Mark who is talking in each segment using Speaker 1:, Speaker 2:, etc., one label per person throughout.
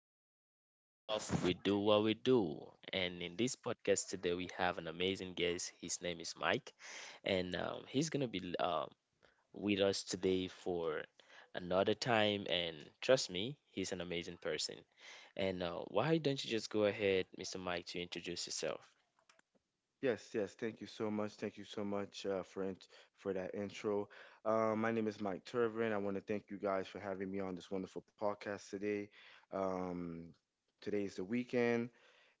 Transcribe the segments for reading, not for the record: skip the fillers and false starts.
Speaker 1: another session of We Do What We Do. And in this podcast today, we have an amazing guest. His name is Mike, and he's gonna be with us today for another time. And trust me, he's an amazing person. And why don't you just go ahead, Mr. Mike, to introduce yourself?
Speaker 2: Yes, yes. Thank you so much. Thank you so much for for that intro. My name is Mike Turvin. I want to thank you guys for having me on this wonderful podcast today. Um, Today is the weekend,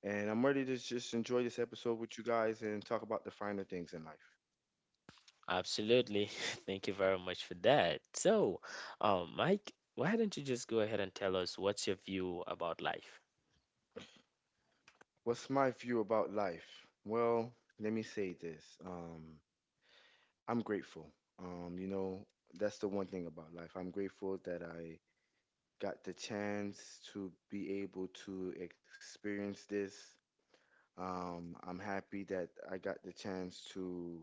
Speaker 2: and I'm ready to just enjoy this episode with you guys and talk about the finer things in life.
Speaker 1: Absolutely. Thank you very much for that. So, Mike, why don't you just go ahead and tell us what's your view about life?
Speaker 2: What's my view about life? Well, let me say this. I'm grateful. Um, you know, that's the one thing about life. I'm grateful that I got the chance to be able to experience this. I'm happy that I got the chance to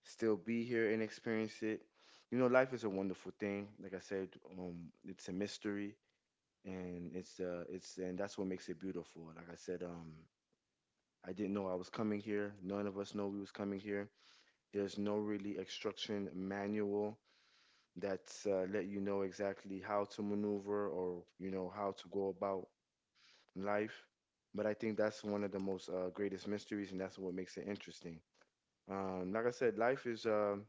Speaker 2: still be here and experience it. You know, life is a wonderful thing. Like I said, it's a mystery, and it's and that's what makes it beautiful. Like I said, I didn't know I was coming here. None of us know we was coming here. There's no really instruction manual that's let you know exactly how to maneuver, or you know how to go about life. But I think that's one of the most greatest mysteries, and that's what makes it interesting. Like I said, life is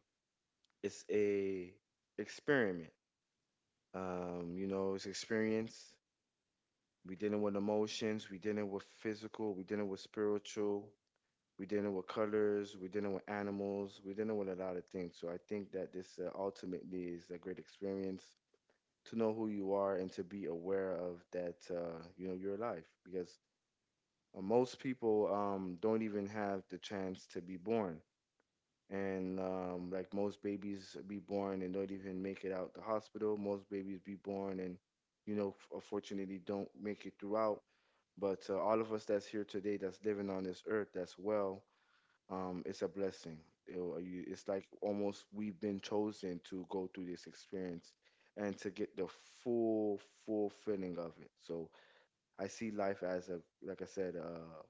Speaker 2: it's a experiment. You know, it's experience. We dealing with emotions. We dealing with physical. We dealing with spiritual. We dealing with colors. We dealing with animals. We dealing with a lot of things. So I think that this ultimately is a great experience to know who you are and to be aware of that. You know, your life because Most people don't even have the chance to be born. And like most babies be born and don't even make it out the hospital. Most babies be born and, you know, unfortunately don't make it throughout. But all of us that's here today, that's living on this earth, that's well, it's a blessing. It's like almost we've been chosen to go through this experience and to get the full, full feeling of it. So I see life as a, like I said,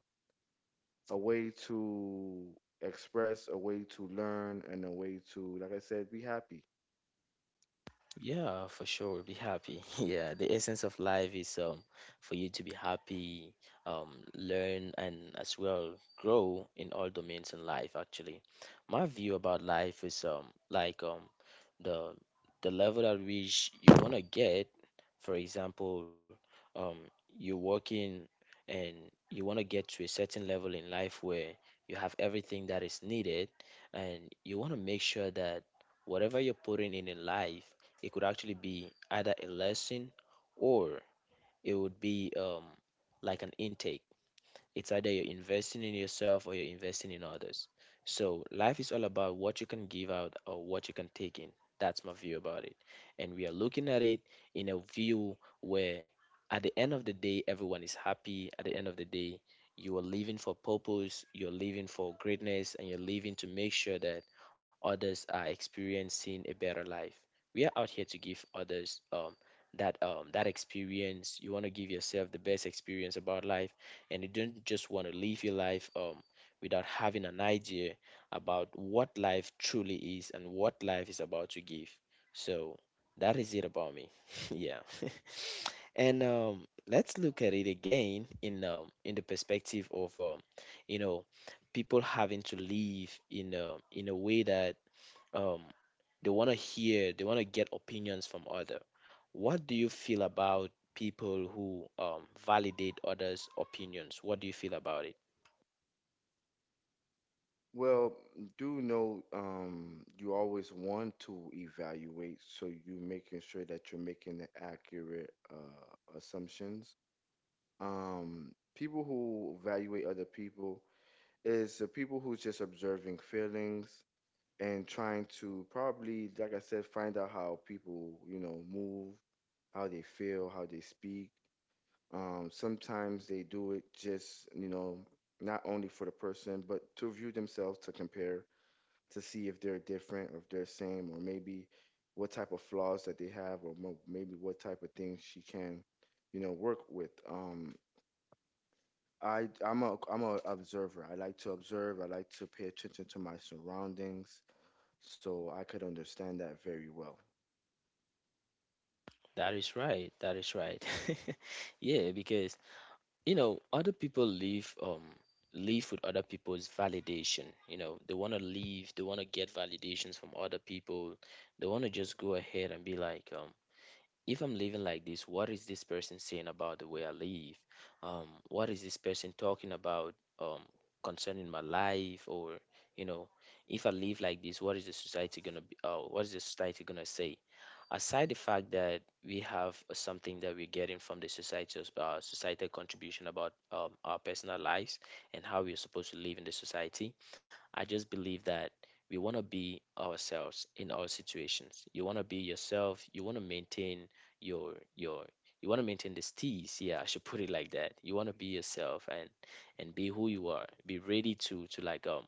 Speaker 2: a way to express, a way to learn, and a way to, like I said, be happy.
Speaker 1: Yeah, for sure. Be happy. Yeah, the essence of life is for you to be happy, learn and as well grow in all domains in life actually. My view about life is like the the level at which you wanna get, for example, um you're working and you wanna get to a certain level in life where you have everything that is needed, and you wanna make sure that whatever you're putting in life, it could actually be either a lesson, or it would be like an intake. It's either you're investing in yourself or you're investing in others. So life is all about what you can give out or what you can take in. That's my view about it. And we are looking at it in a view where at the end of the day, everyone is happy. At the end of the day, you are living for purpose, you're living for greatness, and you're living to make sure that others are experiencing a better life. We are out here to give others that experience. You want to give yourself the best experience about life, and you don't just want to live your life without having an idea about what life truly is and what life is about to give. So that is it about me. Yeah. And let's look at it again in the perspective of you know, people having to live in a way that, um, they want to hear, they want to get opinions from other. What do you feel about people who validate others' opinions? What do you feel about it?
Speaker 2: Well, do know you always want to evaluate, so you're making sure that you're making the accurate assumptions. People who evaluate other people is the people who's just observing feelings and trying to probably, like I said, find out how people, you know, move, how they feel, how they speak. Sometimes they do it just, you know, not only for the person, but to view themselves, to compare, to see if they're different or if they're same, or maybe what type of flaws that they have, or maybe what type of things she can, you know, work with. I'm a observer. I like to observe. I like to pay attention to my surroundings, so I could understand that very well.
Speaker 1: That is right. That is right. Yeah, because you know, other people live with other people's validation. You know, they want to live, they want to get validations from other people. They want to just go ahead and be like, if I'm living like this, what is this person saying about the way I live? What is this person talking about um, concerning my life? Or you know, if I live like this, what is the society gonna be? What is the society gonna say? Aside the fact that we have something that we're getting from the society, societal contribution about our personal lives and how we're supposed to live in the society, I just believe that we want to be ourselves in all situations. You want to be yourself. You want to maintain your you want to maintain this tease, yeah, I should put it like that. You want to be yourself and be who you are, be ready to like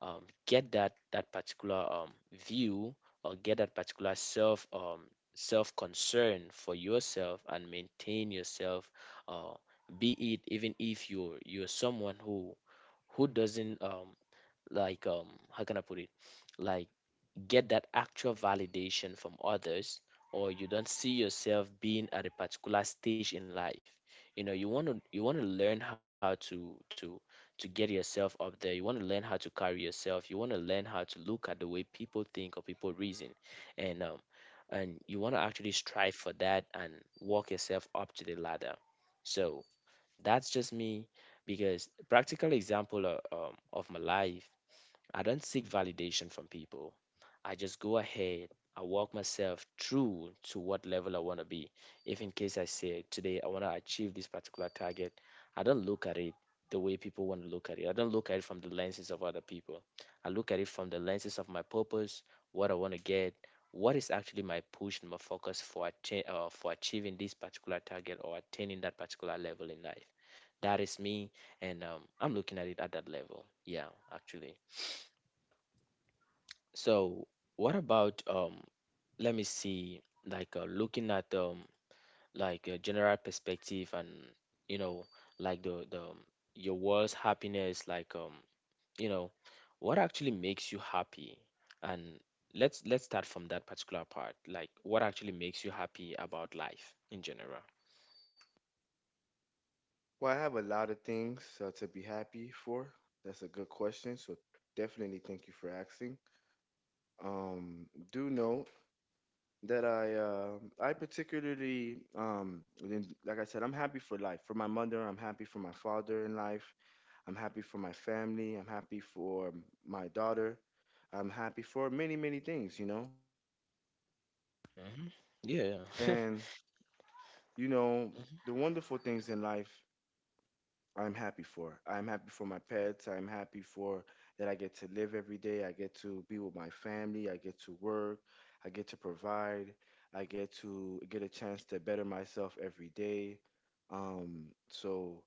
Speaker 1: um get that particular view, or get that particular self, self concern for yourself, and maintain yourself, uh be it, even if you're someone who doesn't like how can I put it, like, get that actual validation from others, or you don't see yourself being at a particular stage in life. You know, you want to, you want to learn how to to get yourself up there. You want to learn how to carry yourself. You want to learn how to look at the way people think or people reason, and and you want to actually strive for that, and walk yourself up to the ladder. So that's just me. Because practical example of my life, I don't seek validation from people. I just go ahead. I walk myself through to what level I want to be. If in case I say today I want to achieve this particular target, I don't look at it the way people want to look at it. I don't look at it from the lenses of other people. I look at it from the lenses of my purpose, what I want to get, what is actually my push and my focus for for achieving this particular target or attaining that particular level in life. That is me, and I'm looking at it at that level. Yeah, actually. So what about, let me see, like, looking at like a general perspective and you know, like the your world's happiness, like you know, what actually makes you happy, and let's start from that particular part, like what actually makes you happy about life in general.
Speaker 2: Well, I have a lot of things to be happy for. That's a good question. So definitely thank you for asking. Um, do know that I particularly like I said, I'm happy for life. For my mother, I'm happy for my father in life. I'm happy for my family. I'm happy for my daughter. I'm happy for many, many things, you know.
Speaker 1: Hmm. Yeah.
Speaker 2: And you know, the wonderful things in life I'm happy for. I'm happy for my pets. I'm happy for that I get to live every day. I get to be with my family. I get to work. I get to provide. I get to get a chance to better myself every day. So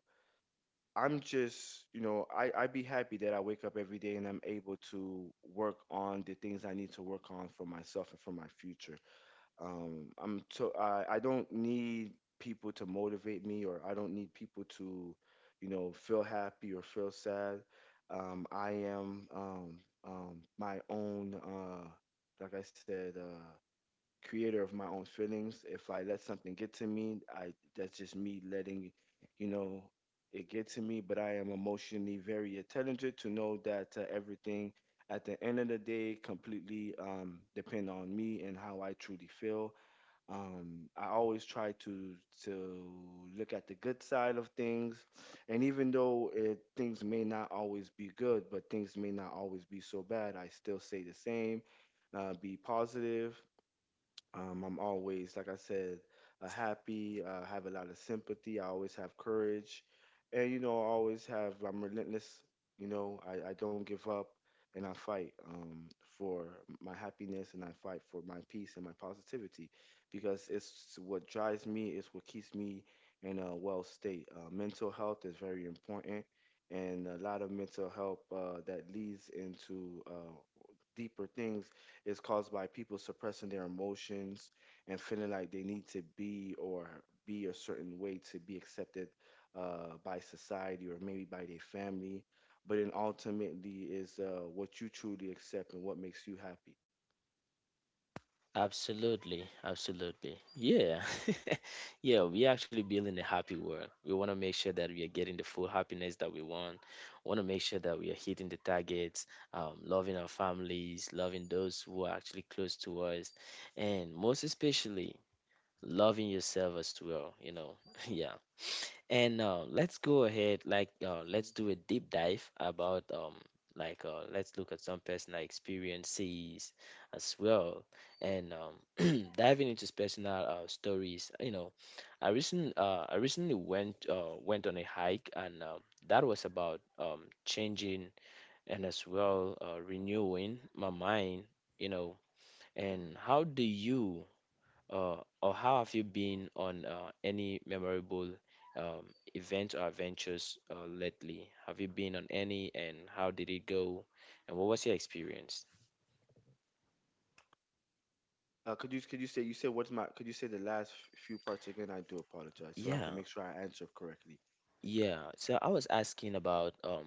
Speaker 2: I'm just, you know, I be happy that I wake up every day and I'm able to work on the things I need to work on for myself and for my future. I don't need people to motivate me, or I don't need people to you know feel happy or feel sad. I am My own like I said creator of my own feelings. If I let something get to me I that's just me letting you know it get to me. But I am emotionally very intelligent to know that everything at the end of the day completely depend on me and how I truly feel. I always try to look at the good side of things, and even though things may not always be good, but things may not always be so bad, I still say the same. Be positive. I'm always, like I said, happy. Have a lot of sympathy. I always have courage, and you know, I always have. I'm relentless. You know, I don't give up, and I fight for my happiness, and I fight for my peace and my positivity, because it's what drives me. It's what keeps me in a well state. Mental health is very important, and a lot of mental health that leads into deeper things is caused by people suppressing their emotions and feeling like they need to be or be a certain way to be accepted by society or maybe by their family. But then ultimately is what you truly accept and what makes you happy.
Speaker 1: Absolutely, absolutely. Yeah, yeah, we actually building a happy world. We want to make sure that we are getting the full happiness that we want. Want to make sure that we are hitting the targets, loving our families, loving those who are actually close to us, and most especially loving yourself as well. You know, yeah. And let's go ahead, like, let's do a deep dive about like, let's look at some personal experiences as well, and diving into personal stories. You know, I recently went on a hike, and that was about changing and as well renewing my mind. You know, and how do you or how have you been on any memorable um, events or adventures lately? Have you been on any, and how did it go, and what was your experience?
Speaker 2: Could you say you said what's my could you say the last few parts again? I do apologize, so I can
Speaker 1: Yeah,
Speaker 2: make sure I answer correctly.
Speaker 1: yeah. So I was asking about,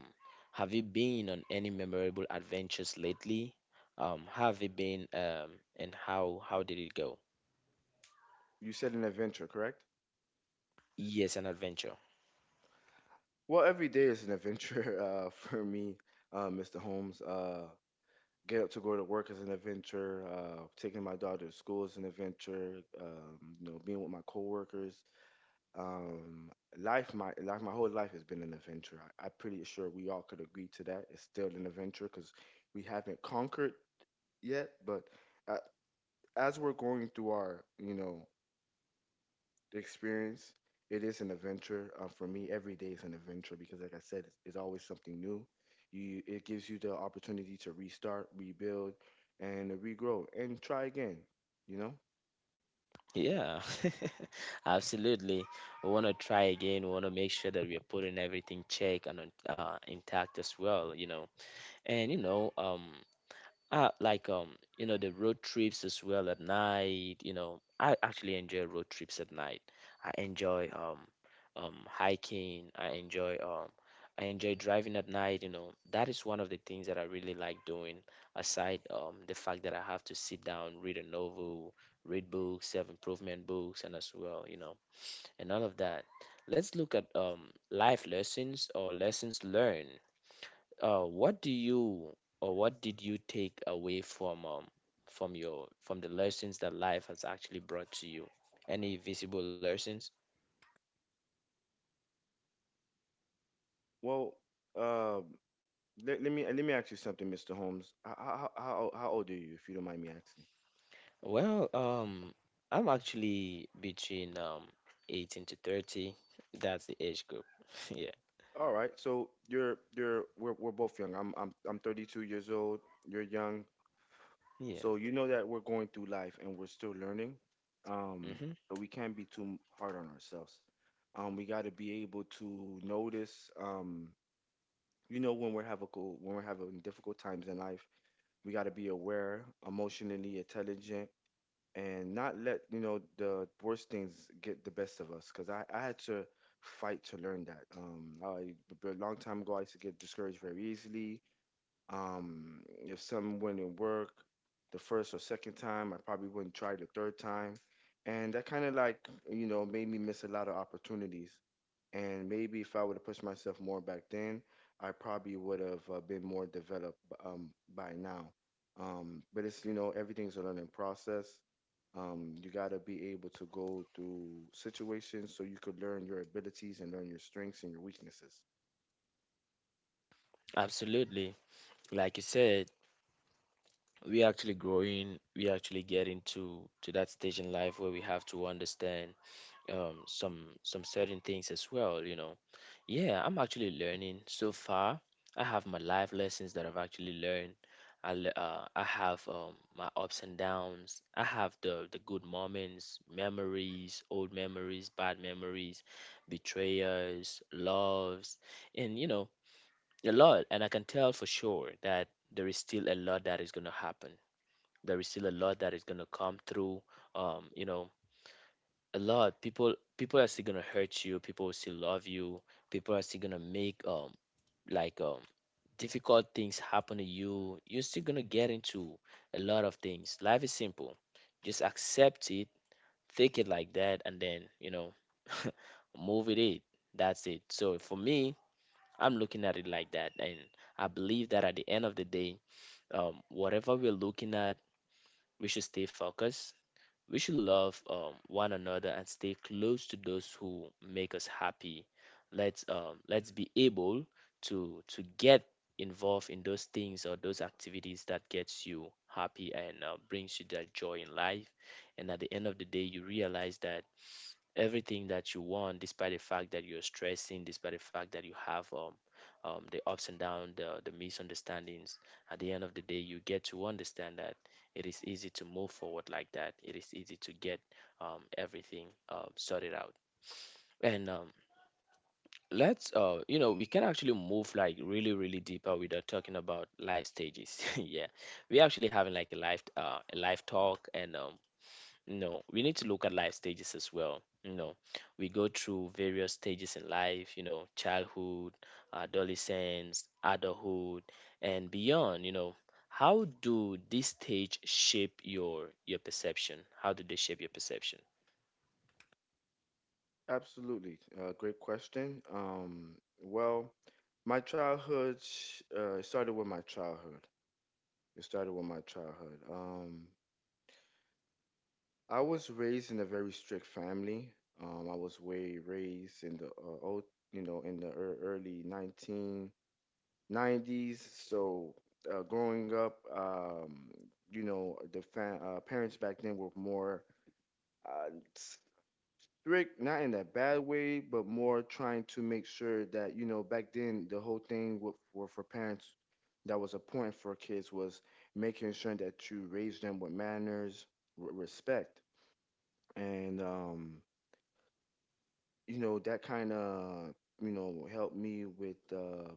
Speaker 1: have you been on any memorable adventures lately? How have you been, and how did it go?
Speaker 2: You said an adventure, correct?
Speaker 1: Yes, an adventure.
Speaker 2: Well, every day is an adventure for me, Mr. Holmes. Get up to go to work is an adventure. Taking my daughter to school is an adventure. You know, being with my coworkers. Um, my life, my whole life has been an adventure. I'm pretty sure we all could agree to that. It's still an adventure because we haven't conquered yet. But uh, as we're going through our, you know, the experience. It is an adventure. For me, every day is an adventure because, like I said, it's always something new. You, it gives you the opportunity to restart, rebuild, and regrow, and try again. You know.
Speaker 1: Yeah, absolutely. We want to try again. We want to make sure that we are putting everything check and intact as well, you know. And you know, like, you know, the road trips as well at night, you know. I actually enjoy road trips at night. I enjoy hiking, I enjoy driving at night, you know. That is one of the things that I really like doing, aside the fact that I have to sit down, read a novel, read books, self-improvement books, and as well, you know, and all of that. Let's look at life lessons or lessons learned. What do you or what did you take away from your, from the lessons that life has actually brought to you? Any visible lessons?
Speaker 2: Well, uh, let me ask you something, Mr. Holmes. How old are you, if you don't mind me asking?
Speaker 1: Well, I'm actually between 18 to 30. That's the age group. Yeah.
Speaker 2: All right, so you're we're both young. I'm 32 years old. You're young,
Speaker 1: Yeah.
Speaker 2: so you know that we're going through life and we're still learning. Um,
Speaker 1: Mm-hmm.
Speaker 2: but we can't be too hard on ourselves. We got to be able to notice. You know when we're having difficult times in life, we got to be aware, emotionally intelligent, and not let you know the worst things get the best of us. Cause I had to fight to learn that. A long time ago I used to get discouraged very easily. If something wouldn't work the first or second time, I probably wouldn't try the third time. And that kind of like, you know, made me miss a lot of opportunities. And maybe if I would have pushed myself more back then, I probably would have been more developed um, by now. But it's, you know, everything's a learning process. You got to be able to go through situations so you could learn your abilities and learn your strengths and your weaknesses.
Speaker 1: Absolutely. Like you said, we're actually growing, we're actually getting to that stage in life where we have to understand, some certain things as well, you know. Yeah, I'm actually learning. So far I have my life lessons that I've actually learned. I have my ups and downs. I have the good moments, memories, old memories, bad memories, betrayers, loves, and you know, a lot. And I can tell for sure that there is still a lot that is going to happen. There is still a lot that is going to come through. You know, a lot. People are still gonna hurt you. People will still love you. People are still gonna make like um difficult things happen to you. You're still gonna get into a lot of things. Life is simple. Just accept it, take it like that, and then, you know, move with it. That's it. So for me, I'm looking at it like that, and I believe that at the end of the day, whatever we're looking at, we should stay focused. We should love one another and stay close to those who make us happy. Let's, let's be able to get involved in those things or those activities that gets you happy and brings you that joy in life. And at the end of the day, you realize that everything that you want despite the fact that you're stressing despite the fact that you have the ups and downs the misunderstandings at the end of the day you get to understand that it is easy to move forward like that. It is easy to get everything sorted out. And let's we can actually move like really deeper without talking about life stages yeah, we're actually having like a life talk and no, we need to look at life stages as well. You know, we go through various stages in life, you know, childhood, adolescence, adulthood, and beyond, you know. How do these stage shape your perception? How do they shape your perception?
Speaker 2: Absolutely. Great question. Well, it started with my childhood. It started with my childhood. I was raised in a very strict family. I was way raised in the old, you know, in the early 1990s. So growing up, you know, parents back then were more. Uh, Strict, not in that bad way, but more trying to make sure that you know back then the whole thing were for parents, that was a point for kids was making sure that you raise them with manners, respect, and you know that kind of you know helped me with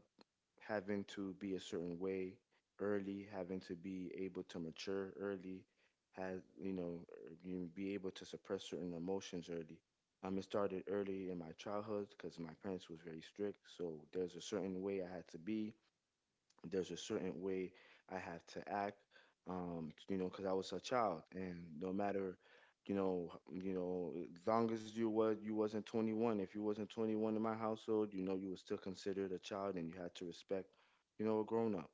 Speaker 2: having to be a certain way early, having to be able to mature early, has you know, you be able to suppress certain emotions early. It started early in my childhood because my parents was very strict, so there's a certain way I had to be, there's a certain way I had to act, you know, because I was a child, and no matter, you know, you know, as long as you wasn't 21, if you wasn't 21 in my household, you know, you was still considered a child, and you had to respect, you know, a grown up.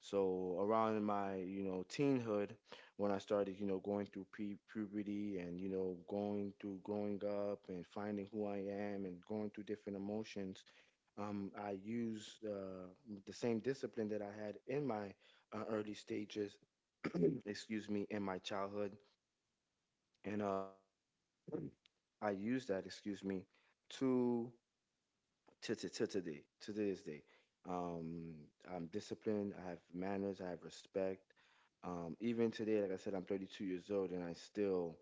Speaker 2: So around my, you know, teenhood, when I started, you know, going through pre puberty and you know, going through growing up and finding who I am and going through different emotions I used the same discipline that I had in my early stages, excuse me, in my childhood, and I used that, excuse me, to to today, to this day. Um, I'm disciplined. I have manners. I have respect. Even today, like I said, I'm 32 years old, and I still,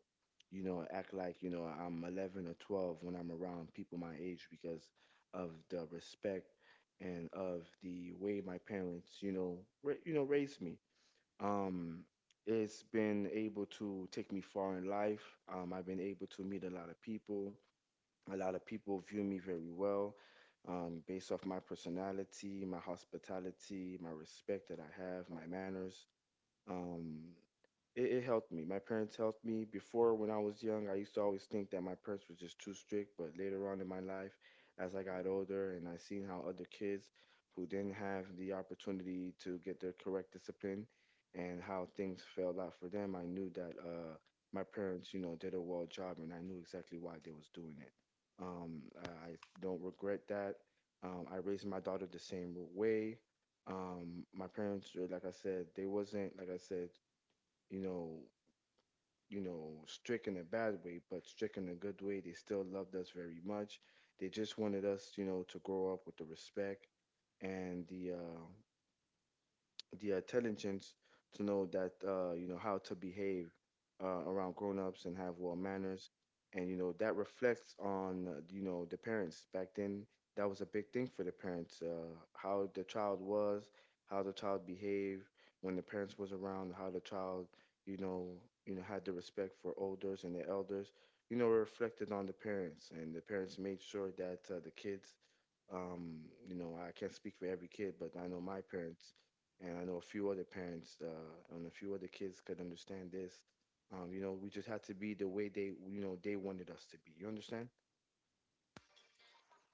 Speaker 2: you know, act like you know I'm 11 or 12 when I'm around people my age because of the respect and of the way my parents, you know, raised me. Um, it's been able to take me far in life. I've been able to meet a lot of people view me very well based off my personality, my hospitality, my respect that I have, my manners. Um, it helped me. My parents helped me. Before, when I was young, I used to always think that my parents were just too strict. But later on in my life, as I got older and I seen how other kids who didn't have the opportunity to get their correct discipline and how things fell out for them, I knew that my parents, you know, did a well job, and I knew exactly why they was doing it. I don't regret that. I raised my daughter the same way. My parents, like I said, they wasn't, like I said, you know, you know, strict in a bad way, but strict in a good way. They still loved us very much. They just wanted us, you know, to grow up with the respect and the intelligence to know that you know how to behave around grown-ups and have well manners, and you know that reflects on you know the parents. Back then, that was a big thing for the parents, how the child was, how the child behaved when the parents was around, how the child, you know you know, had the respect for elders, and the elders, you know, reflected on the parents, and the parents made sure that the kids, um, you know, I can't speak for every kid, but I know my parents, and I know a few other parents and a few other kids could understand this. You know, we just had to be the way they, you know, they wanted us to be. You understand?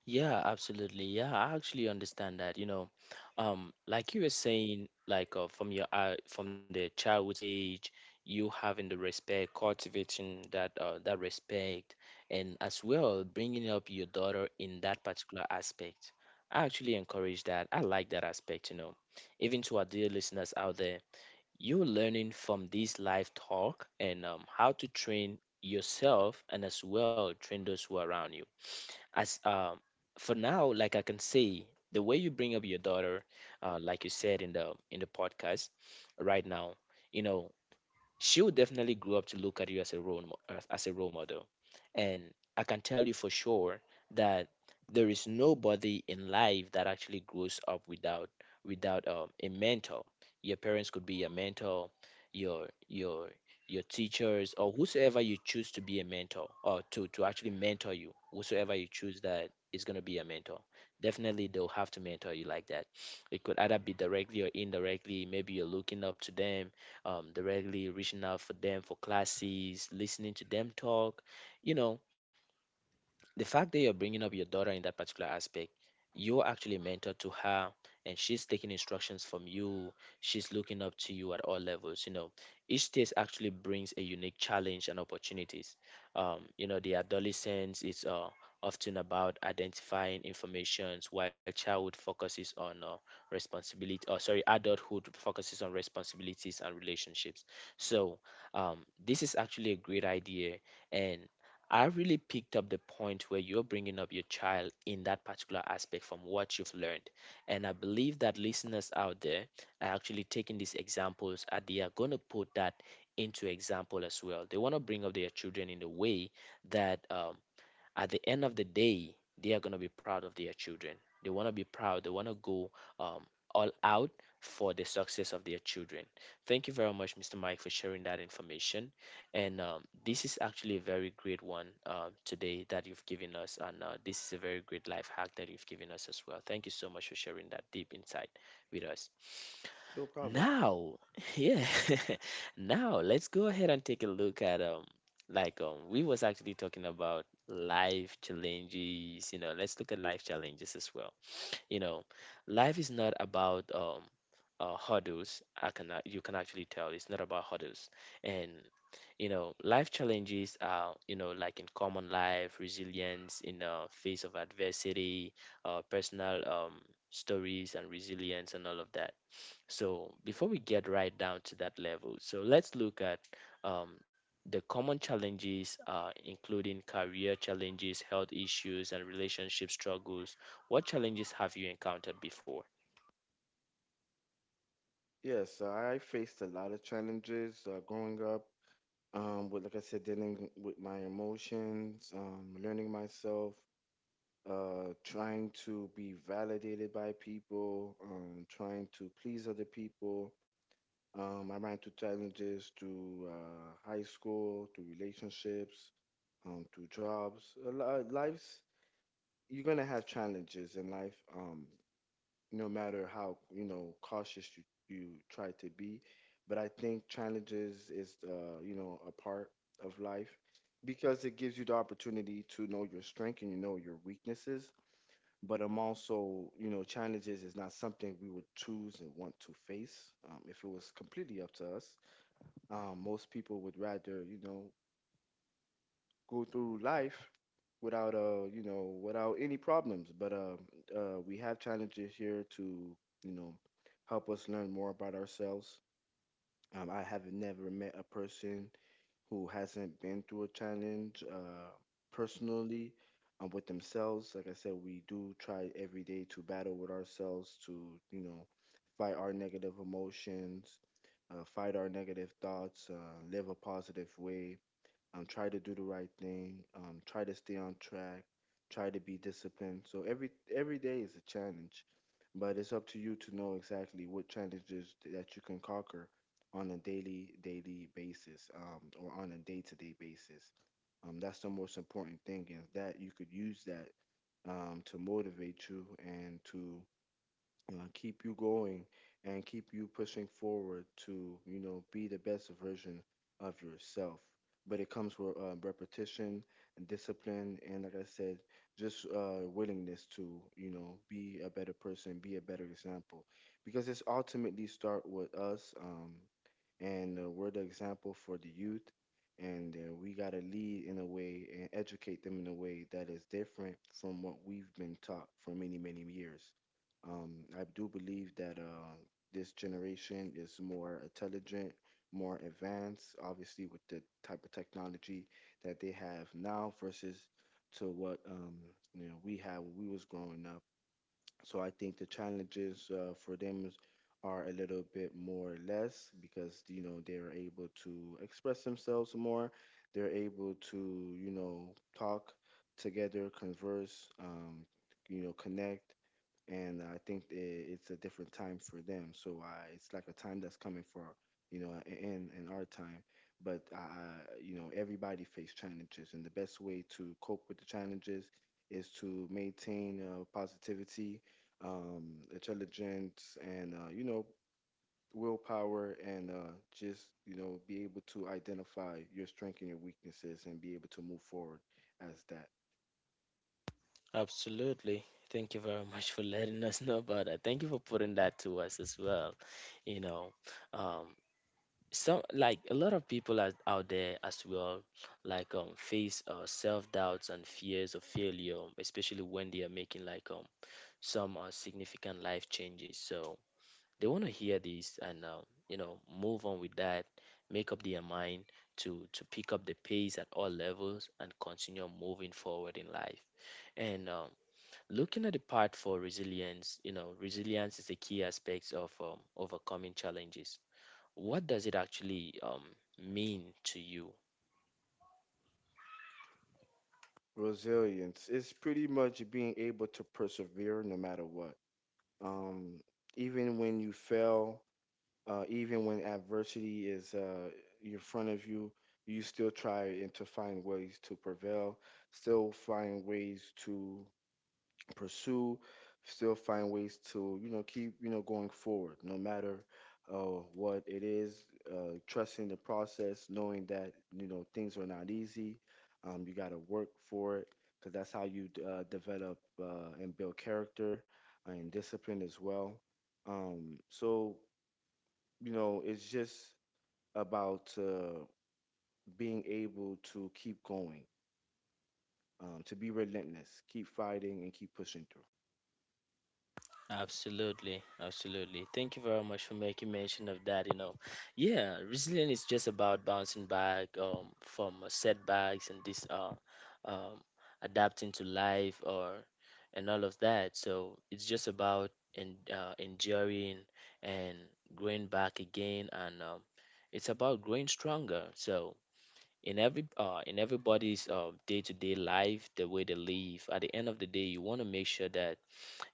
Speaker 1: Yeah, absolutely. Yeah, I actually understand that. You know, like you were saying, like from the childhood stage, you having the respect, cultivating that respect, and as well bringing up your daughter in that particular aspect. I actually encourage that. I like that aspect. You know, even to our dear listeners out there, you're learning from this live talk and how to train yourself and as well train those who are around you as for now, like I can say, the way you bring up your daughter, like you said in the podcast right now, you know, she will definitely grow up to look at you as a role mo- as a role model. And I can tell you for sure that there is nobody in life that actually grows up without a mentor. Your parents could be your mentor, your your teachers, or whosoever you choose to be a mentor or to actually mentor you. Whosoever you choose that is going to be a mentor. Definitely, they'll have to mentor you like that. It could either be directly or indirectly. Maybe you're looking up to them, directly reaching out for them for classes, listening to them talk. You know, the fact that you're bringing up your daughter in that particular aspect, you're actually a mentor to her, and she's taking instructions from you, she's looking up to you at all levels, you know. Each stage actually brings a unique challenge and opportunities. You know, the adolescence is often about identifying informations, while childhood focuses on responsibility, or sorry, adulthood focuses on responsibilities and relationships. So um, this is actually a great idea, and I really picked up the point where you're bringing up your child in that particular aspect from what you've learned. And I believe that listeners out there are actually taking these examples and they are going to put that into example as well. They want to bring up their children in a way that at the end of the day, they are going to be proud of their children. They want to be proud. They want to go um, all out for the success of their children. Thank you very much, Mr. Mike, for sharing that information. And this is actually a very great one today that you've given us. And this is a very great life hack that you've given us as well. Thank you so much for sharing that deep insight with us.
Speaker 2: No problem.
Speaker 1: Now, yeah, now let's go ahead and take a look at we was actually talking about life challenges, you know, let's look at life challenges as well, you know. Life is not about hurdles. I can You can actually tell it's not about hurdles. And you know life challenges are, you know, like in common life, resilience in the face of adversity, personal stories and resilience and all of that. So before we get right down to that level, so let's look at um, the common challenges are including career challenges, health issues, and relationship struggles. What challenges have you encountered before?
Speaker 2: Yes, so I faced a lot of challenges growing up. With like I said, dealing with my emotions, learning myself, trying to be validated by people, trying to please other people. I ran through challenges through high school, through relationships, through jobs. Life's, you're gonna have challenges in life, no matter how you know cautious you, you try to be. But I think challenges is you know a part of life because it gives you the opportunity to know your strength and you know your weaknesses. But I'm also, you know, challenges is not something we would choose and want to face if it was completely up to us. Most people would rather, you know, go through life without you know without any problems, but we have challenges here to, you know, help us learn more about ourselves. Um, I have never met a person who hasn't been through a challenge, personally, with themselves. Like I said, we do try every day to battle with ourselves to, you know, fight our negative emotions, fight our negative thoughts, live a positive way, try to do the right thing, try to stay on track, try to be disciplined. So every day is a challenge, but it's up to you to know exactly what challenges that you can conquer on a daily basis, or on a day to day basis. That's the most important thing, and that you could use that to motivate you and to keep you going and keep you pushing forward to, you know, be the best version of yourself. But it comes with repetition and discipline, and like I said, just willingness to, you know, be a better person, be a better example, because it's ultimately start with us, and we're the example for the youth, and we got to lead in a way and educate them in a way that is different from what we've been taught for many many years. um, I do believe that this generation is more intelligent, more advanced, obviously with the type of technology that they have now versus to what, you know, we had when we was growing up. So I think the challenges for them are a little bit more or less because you know they're able to express themselves more. They're able to, you know, talk together, converse, you know, connect, and I think it's a different time for them. So it's like a time that's coming for, you know, in our time. But you know everybody face challenges, and the best way to cope with the challenges is to maintain positivity, intelligence, and you know willpower, and just you know be able to identify your strength and your weaknesses, and be able to move forward as that.
Speaker 1: Absolutely. Thank you very much for letting us know about that. Thank you for putting that to us as well. You know, um, some, like a lot of people are out there as well, like face self doubts and fears of failure, especially when they are making like some significant life changes. So they want to hear this and you know move on with that, make up their mind to pick up the pace at all levels and continue moving forward in life. And looking at the part for resilience, you know resilience is a key aspect of overcoming challenges. What does it actually mean to you?
Speaker 2: Resilience is pretty much being able to persevere no matter what. Um, even when you fail, even when adversity is in front of you, you still try and to find ways to prevail, still find ways to pursue, still find ways to, you know, keep, you know, going forward, no matter what it is, trusting the process, knowing that, you know, things are not easy. You got to work for it because that's how you develop and build character and discipline as well. So, you know, it's just about being able to keep going, to be relentless, keep fighting, and keep pushing through.
Speaker 1: Absolutely, absolutely. Thank you very much for making mention of that. You know, yeah, resilience is just about bouncing back from setbacks and this um, adapting to life or and all of that. So it's just about en enduring and growing back again, and it's about growing stronger. So in everybody's day-to-day life, the way they live, at the end of the day, you want to make sure that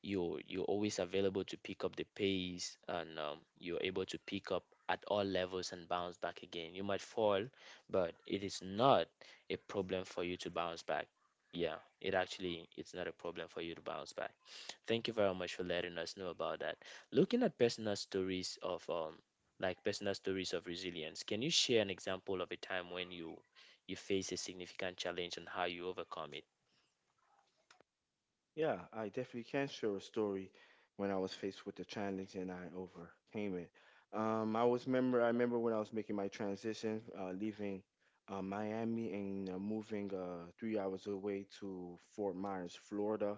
Speaker 1: you, you're always available to pick up the pace, and you're able to pick up at all levels and bounce back again. You might fall, but it is not a problem for you to bounce back. Yeah, it actually it's not a problem for you to bounce back. Thank you very much for letting us know about that. Looking at personal stories of personal stories of resilience, can you share an example of a time when you face a significant challenge and how you overcome it?
Speaker 2: Yeah, I definitely can share a story when I was faced with the challenge and I overcame it. I remember when I was making my transition, leaving Miami and moving 3 hours away to Fort Myers, Florida,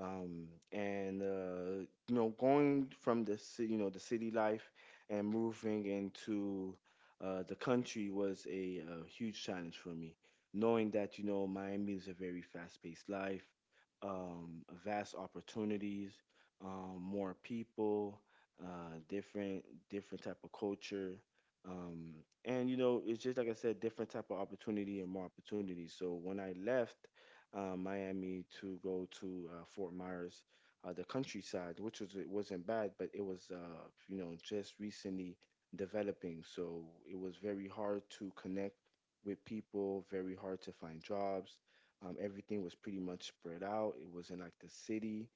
Speaker 2: um, and you know going from the you know the city life and moving into the country was a, uh, huge challenge for me, knowing that you know Miami is a very fast-paced life, vast opportunities, more people, uh, different different type of culture, um, and you know it's just, like I said, different type of opportunity and more opportunities. So when I left Miami to go to Fort Myers, the countryside, which was, it wasn't bad, but it was you know just recently developing. So it was very hard to connect with people, very hard to find jobs. Everything was pretty much spread out. It wasn't like the city.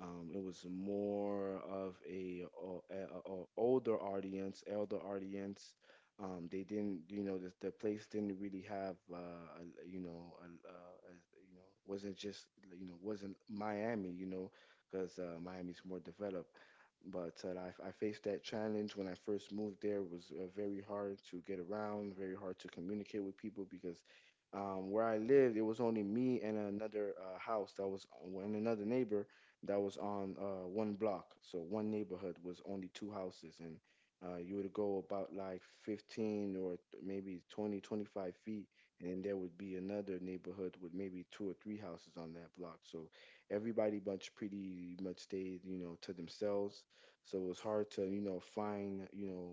Speaker 2: It was more of a, o- a, a older audience, elder audience, they didn't, you know, the place didn't really have, a, you know, wasn't just, you know, wasn't Miami, you know, because Miami's more developed. But uh, I faced that challenge when I first moved there. It was very hard to get around, very hard to communicate with people because where I lived, it was only me and another neighbor that was on one block. So one neighborhood was only two houses, and you would go about like 15 or maybe 20, 25 feet, and then there would be another neighborhood with maybe two or three houses on that block. So everybody much pretty much stayed, you know, to themselves. So it was hard to, you know, find, you know,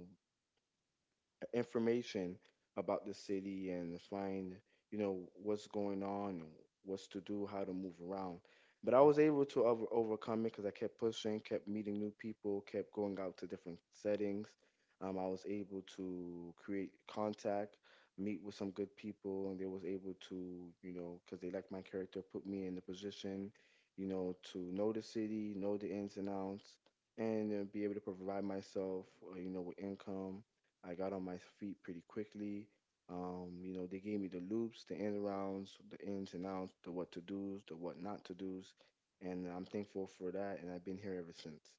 Speaker 2: information about the city and find, you know, what's going on and what's to do, how to move around. But I was able to overcome it because I kept pushing, kept meeting new people, kept going out to different settings. I was able to create contact, meet with some good people, and they was able to, you know, because they liked my character, put me in the position, you know, to know the city, know the ins and outs, and be able to provide myself, you know, with income. I got on my feet pretty quickly. They gave me the loops, the end rounds, the ins and outs, the what to do's, the what not to do's, and I'm thankful for that. And I've been here ever since.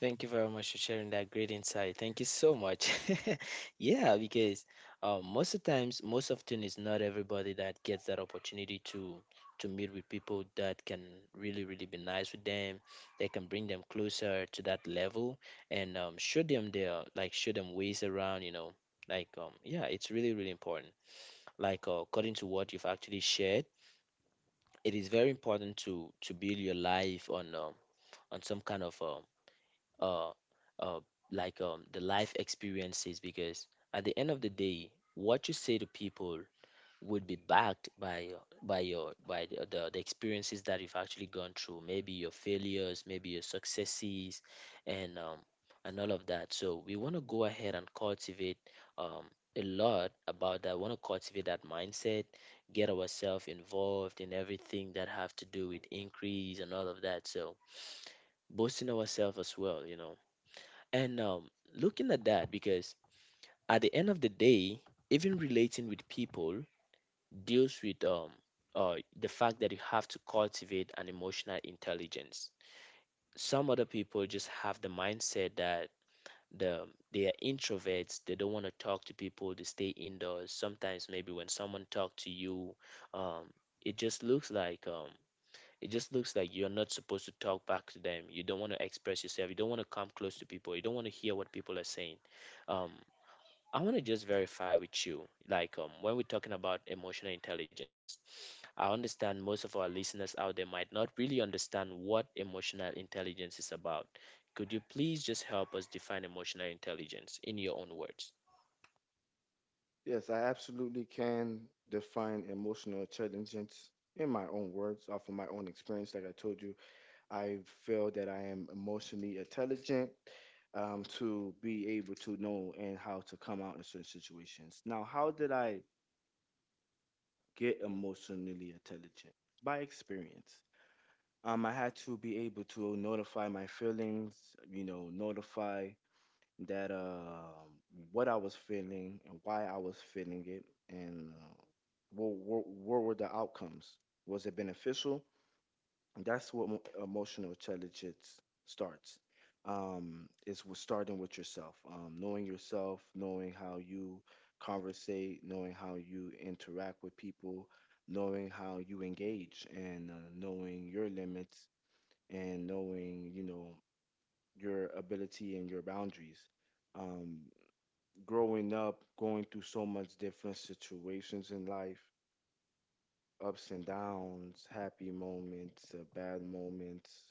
Speaker 1: Thank you very much for sharing that great insight. Thank you so much. Yeah, because most of times, most often, it's not everybody that gets that opportunity to meet with people that can really, really be nice with them. They can bring them closer to that level, and show them their, like show them ways around. You know, like yeah, it's really, really important. Like according to what you've actually shared, it is very important to build your life on some kind of uh, uh, like the life experiences, because at the end of the day, what you say to people would be backed by your by your by the, the experiences that you've actually gone through, maybe your failures, maybe your successes. And and all of that. So we want to go ahead and cultivate um a lot about that, want to cultivate that mindset, get ourselves involved in everything that have to do with increase and all of that. So boosting ourselves as well, you know. And looking at that, because at the end of the day, even relating with people deals with the fact that you have to cultivate an emotional intelligence. Some other people just have the mindset that the, they are introverts, they don't want to talk to people, they stay indoors. Sometimes maybe when someone talks to you, um, it just looks like it just looks like you're not supposed to talk back to them. You don't want to express yourself. You don't want to come close to people. You don't want to hear what people are saying. um, I want to just verify with you, like when we're talking about emotional intelligence, I understand most of our listeners out there might not really understand what emotional intelligence is about. Could you please just help us define emotional intelligence in your own words?
Speaker 2: Yes, I absolutely can define emotional intelligence in my own words, off of my own experience. Like I told you, I feel that I am emotionally intelligent, to be able to know and how to come out in certain situations. Now, how did I get emotionally intelligent by experience? I had to be able to notify my feelings, you know, notify that what I was feeling and why I was feeling it, and what were the outcomes? Was it beneficial? And that's what emotional intelligence starts. It's with starting with yourself, knowing yourself, knowing how you conversate, knowing how you interact with people, knowing how you engage, and knowing your limits, and knowing, you know, your ability and your boundaries. um Growing up, going through so much different situations in life, ups and downs, happy moments, bad moments,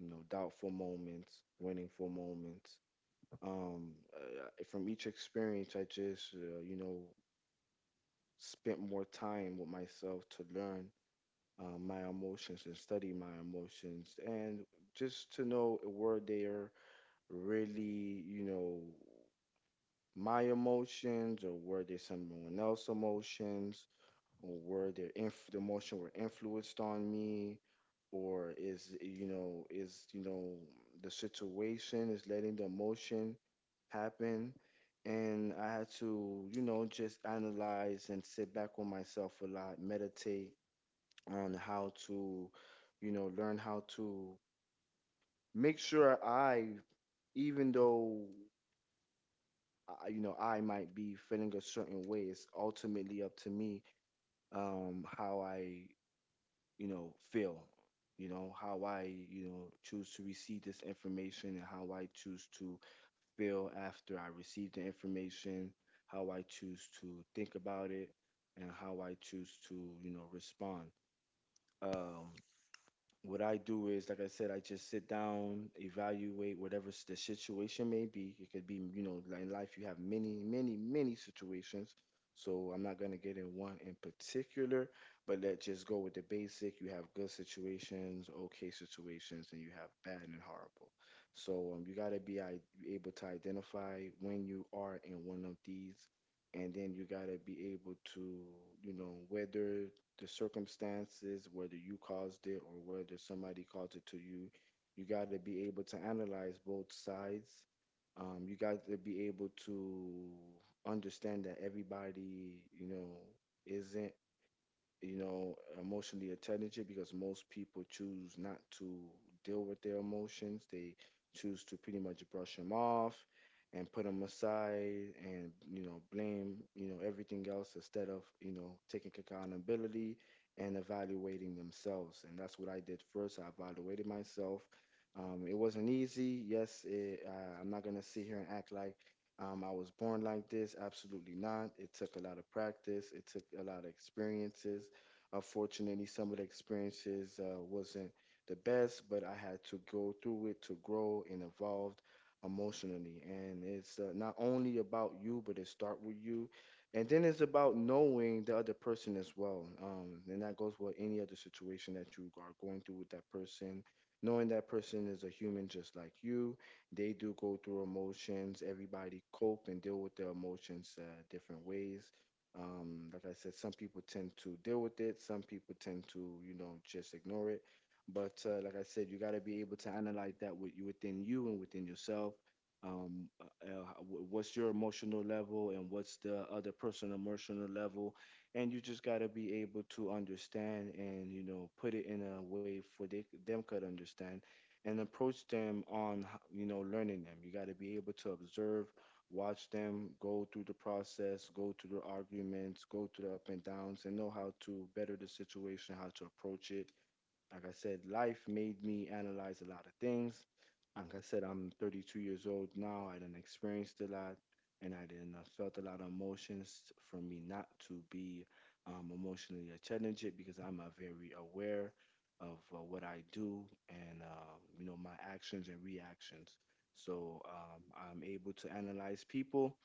Speaker 2: you know, doubtful moments, winningful moments. From each experience, I just, you know, spent more time with myself to learn my emotions and study my emotions, and just to know, were there really, you know, my emotions, or were there someone else's emotions, or were there the emotion were influenced on me, or is, you know, is, you know, the situation is letting the emotion happen. And I had to, you know, just analyze and sit back on myself a lot, meditate on how to, you know, learn how to make sure I, even though I, you know, I might be feeling a certain way, it's ultimately up to me how I, you know, feel, you know, how I, you know, choose to receive this information and how I choose to feel after I receive the information, how I choose to think about it, and how I choose to, you know, respond. Um, what I do is, like I said, I just sit down, evaluate whatever the situation may be. It could be, you know, like in life, you have many, many, many situations. So I'm not going to get in one in particular, but let's just go with the basic. You have good situations, okay situations, and you have bad and horrible. So you got to be able to identify when you are in one of these. And then you got to be able to, you know, weather the circumstances, whether you caused it or whether somebody caused it to you. You got to be able to analyze both sides. You got to be able to understand that everybody, you know, isn't, you know, emotionally intelligent because most people choose not to deal with their emotions. They choose to pretty much brush them off and put them aside and, you know, blame, you know, everything else instead of, you know, taking accountability and evaluating themselves. And that's what I did first. I evaluated myself. It wasn't easy. Yes, it, I'm not going to sit here and act like, I was born like this. Absolutely not. It took a lot of practice. It took a lot of experiences. Unfortunately, some of the experiences wasn't the best, but I had to go through it to grow and evolve emotionally. And it's not only about you, but it start with you, and then it's about knowing the other person as well. And that goes with any other situation that you are going through with that person. Knowing that person is a human just like you, they do go through emotions. Everybody cope and deal with their emotions different ways. Like I said, some people tend to deal with it, some people tend to, you know, just ignore it. But like I said, you got to be able to analyze that with you, within you and within yourself. What's your emotional level and what's the other person emotional level, and you just got to be able to understand and, you know, put it in a way for they them could understand, and approach them on you know, learning them. You got to be able to observe, watch them go through the process, go through the arguments, go through the up and downs, and know how to better the situation, how to approach it. Like I said, life made me analyze a lot of things. Like I said, I'm 32 years old now. I done experienced a lot, and I done felt a lot of emotions. For me not to be emotionally challenged because I'm very aware of what I do and you know, my actions and reactions. So I'm able to analyze people,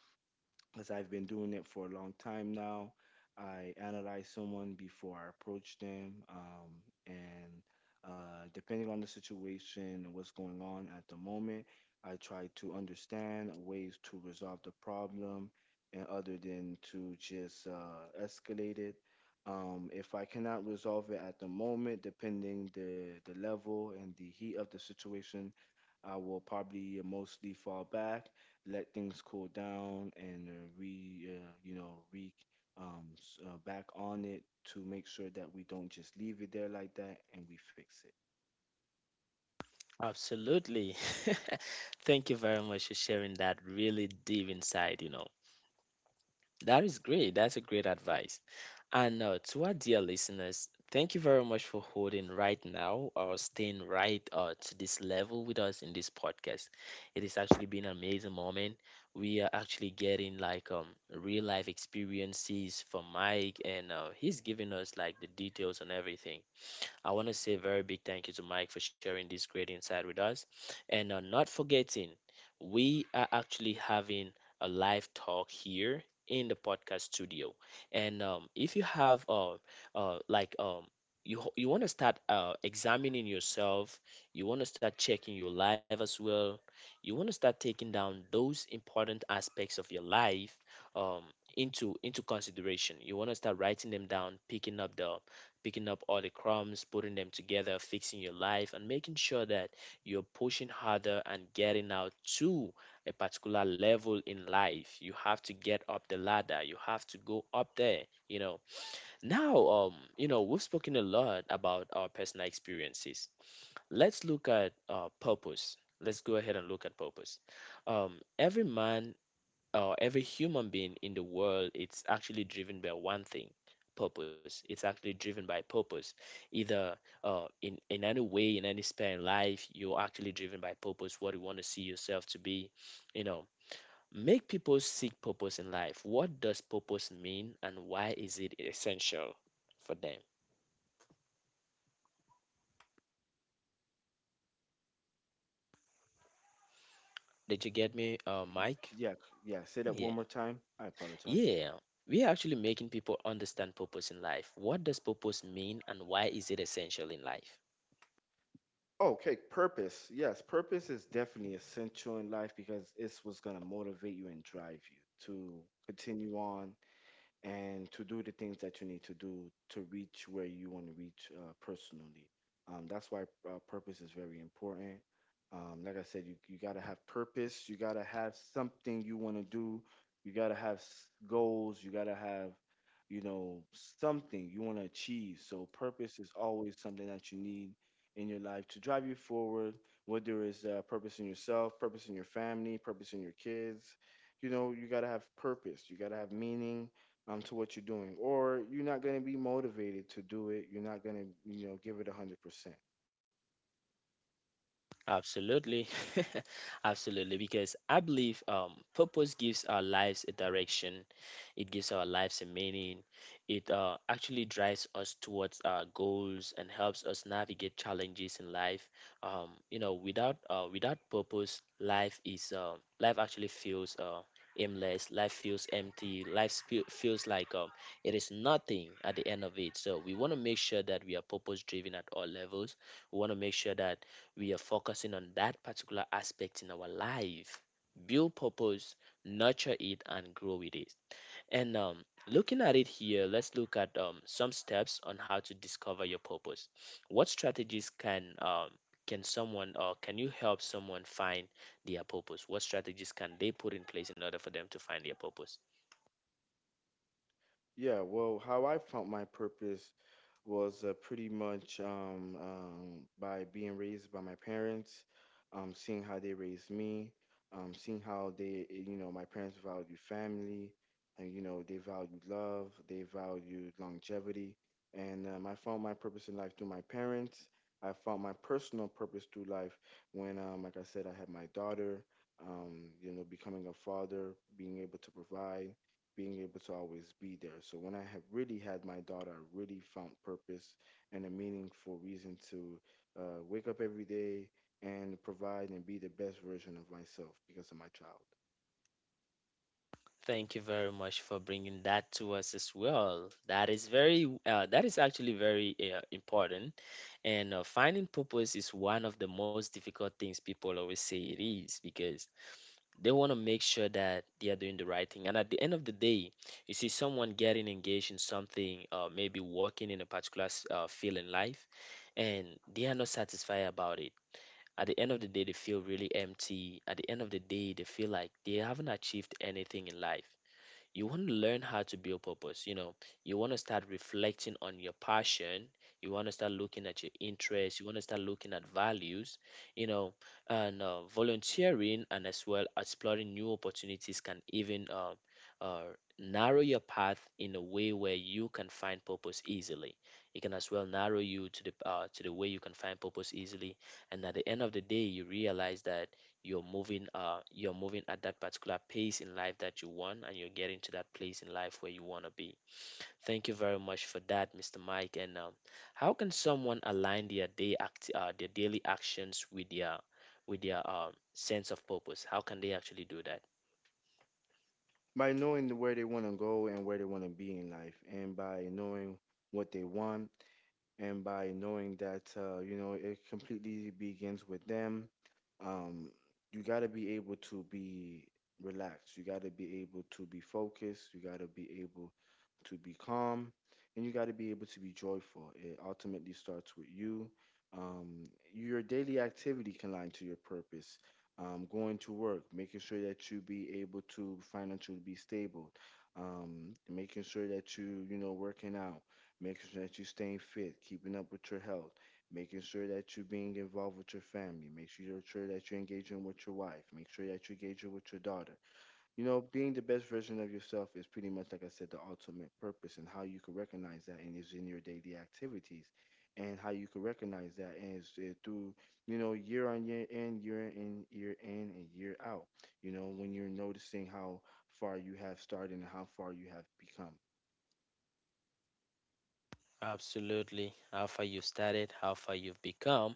Speaker 2: as I've been doing it for a long time now. I analyze someone before I approach them, and depending on the situation and what's going on at the moment, I try to understand ways to resolve the problem, and other than to just escalate it. If I cannot resolve it at the moment, depending the level and the heat of the situation, I will probably mostly fall back, let things cool down, and re you know, back on it to make sure that we don't just leave it there like that and we fix it.
Speaker 1: Absolutely. Thank you very much for sharing that really deep insight, you know. That is great. That's a great advice. And to our dear listeners, thank you very much for holding right now or staying right to this level with us in this podcast. It has actually been an amazing moment. We are actually getting like real life experiences from Mike, and he's giving us like the details on everything. I want to say a very big thank you to Mike for sharing this great insight with us. And not forgetting, we are actually having a live talk here in the podcast studio. And if you have like you want to start examining yourself, you want to start checking your life as well. You want to start taking down those important aspects of your life um, into consideration. You want to start writing them down, picking up the picking up all the crumbs, putting them together, fixing your life, and making sure that you're pushing harder and getting out to a particular level in life. You have to get up the ladder. You have to go up there, you know. Now, you know, we've spoken a lot about our personal experiences. Let's look at purpose. Let's go ahead and look at purpose. Every man every human being in the world it's actually driven by one thing, purpose. It's actually driven by purpose, either in any way, in any spare in life, you're actually driven by purpose, what you want to see yourself to be, you know. Make people seek purpose in life. What does purpose mean and why is it essential for them? Did you get me,
Speaker 2: Y-
Speaker 1: Mike?
Speaker 2: Yeah, yeah. Say that one
Speaker 1: Yeah,
Speaker 2: more time. I apologize.
Speaker 1: yeah, we are actually making people understand purpose in life. What does purpose mean and why is it essential in life?
Speaker 2: Okay, purpose. Yes, purpose is definitely essential in life because it's what's gonna motivate you and drive you to continue on and to do the things that you need to do to reach where you want to reach, personally. That's why purpose is very important. Like I said, you got to have purpose. You got to have something you want to do. You got to have goals. You got to have, you know, something you want to achieve. So, purpose is always something that you need in your life to drive you forward, whether it's purpose in yourself, purpose in your family, purpose in your kids. You know, you got to have purpose. You got to have meaning, to what you're doing, or you're not going to be motivated to do it. You're not going to, you know, give it 100%.
Speaker 1: Absolutely. Absolutely. Because I believe purpose gives our lives a direction, it gives our lives a meaning, it actually drives us towards our goals and helps us navigate challenges in life. Without purpose, life actually feels aimless, life feels empty, feels like it is nothing at the end of it. So we want to make sure that we are purpose driven at all levels. We want to make sure that we are focusing on that particular aspect in our life, build purpose, nurture it and grow with it. And Looking at it here, let's look at some steps on how to discover your purpose. What strategies can someone, or can you help someone find their purpose? What strategies can they put in place in order for them to find their purpose?
Speaker 2: Yeah, well, how I found my purpose was pretty much by being raised by my parents, seeing how they raised me, seeing how they, you know, my parents valued family, and you know, they valued love, they valued longevity, and I found my purpose in life through my parents. I found my personal purpose through life when, like I said, I had my daughter. You know, becoming a father, being able to provide, being able to always be there. So when I have really had my daughter, I really found purpose and a meaningful reason to uh, wake up every day and provide and be the best version of myself because of my child.
Speaker 1: Thank you very much for bringing that to us as well. That is very, that is actually very important. And finding purpose is one of the most difficult things, people always say it is, because they want to make sure that they are doing the right thing. And at the end of the day, you see someone getting engaged in something, maybe working in a particular field in life, and they are not satisfied about it. At the end of the day, they feel really empty. At the end of the day, they feel like they haven't achieved anything in life. You want to learn how to build purpose, you know. You want to start reflecting on your passion, you want to start looking at your interests, you want to start looking at values, you know. And volunteering and as well exploring new opportunities can even uh, narrow your path in a way where you can find purpose easily. It can as well narrow you to the way you can find purpose easily. And at the end of the day you realize that you're moving at that particular pace in life that you want, and you're getting to that place in life where you want to be. Thank you very much for that, Mr. Mike. And How can someone align their day act their daily actions with their, with their sense of purpose? How can they actually do that?
Speaker 2: By knowing where they want to go and where they want to be in life, and by knowing what they want, and by knowing that, you know, it completely begins with them. Um, you got to be able to be relaxed. You got to be able to be focused. You got to be able to be calm, and you got to be able to be joyful. It ultimately starts with you. Your daily activity can align to your purpose. Going to work, making sure that you be able to financially be stable, making sure that you know, working out, making sure that you're staying fit, keeping up with your health, making sure that you're being involved with your family, make sure you're sure that you're engaging with your wife, make sure that you're engaging with your daughter, you know, being the best version of yourself is pretty much, like I said, the ultimate purpose, and how you can recognize that and is in your daily activities, and how you can recognize that is through, you know, year on year in, year in, year in, and year out. You know, when you're noticing how far you have started and how far you have become.
Speaker 1: Absolutely. How far you've started, how far you've become.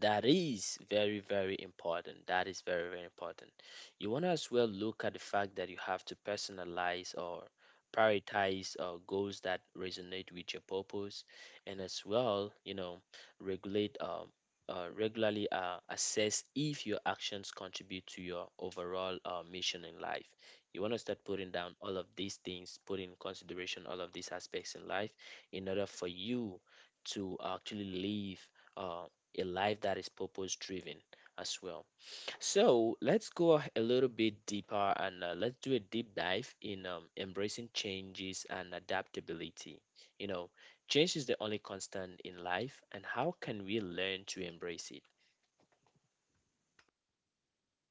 Speaker 1: That is very, very important. That is very, very important. You want to as well look at the fact that you have to personalize or prioritize goals that resonate with your purpose, and as well, you know, regulate regularly assess if your actions contribute to your overall mission in life. You want to start putting down all of these things, put in consideration all of these aspects in life in order for you to actually live uh, a life that is purpose driven as well. So let's go a little bit deeper and let's do a deep dive in embracing changes and adaptability. You know, change is the only constant in life, and how can we learn to embrace it?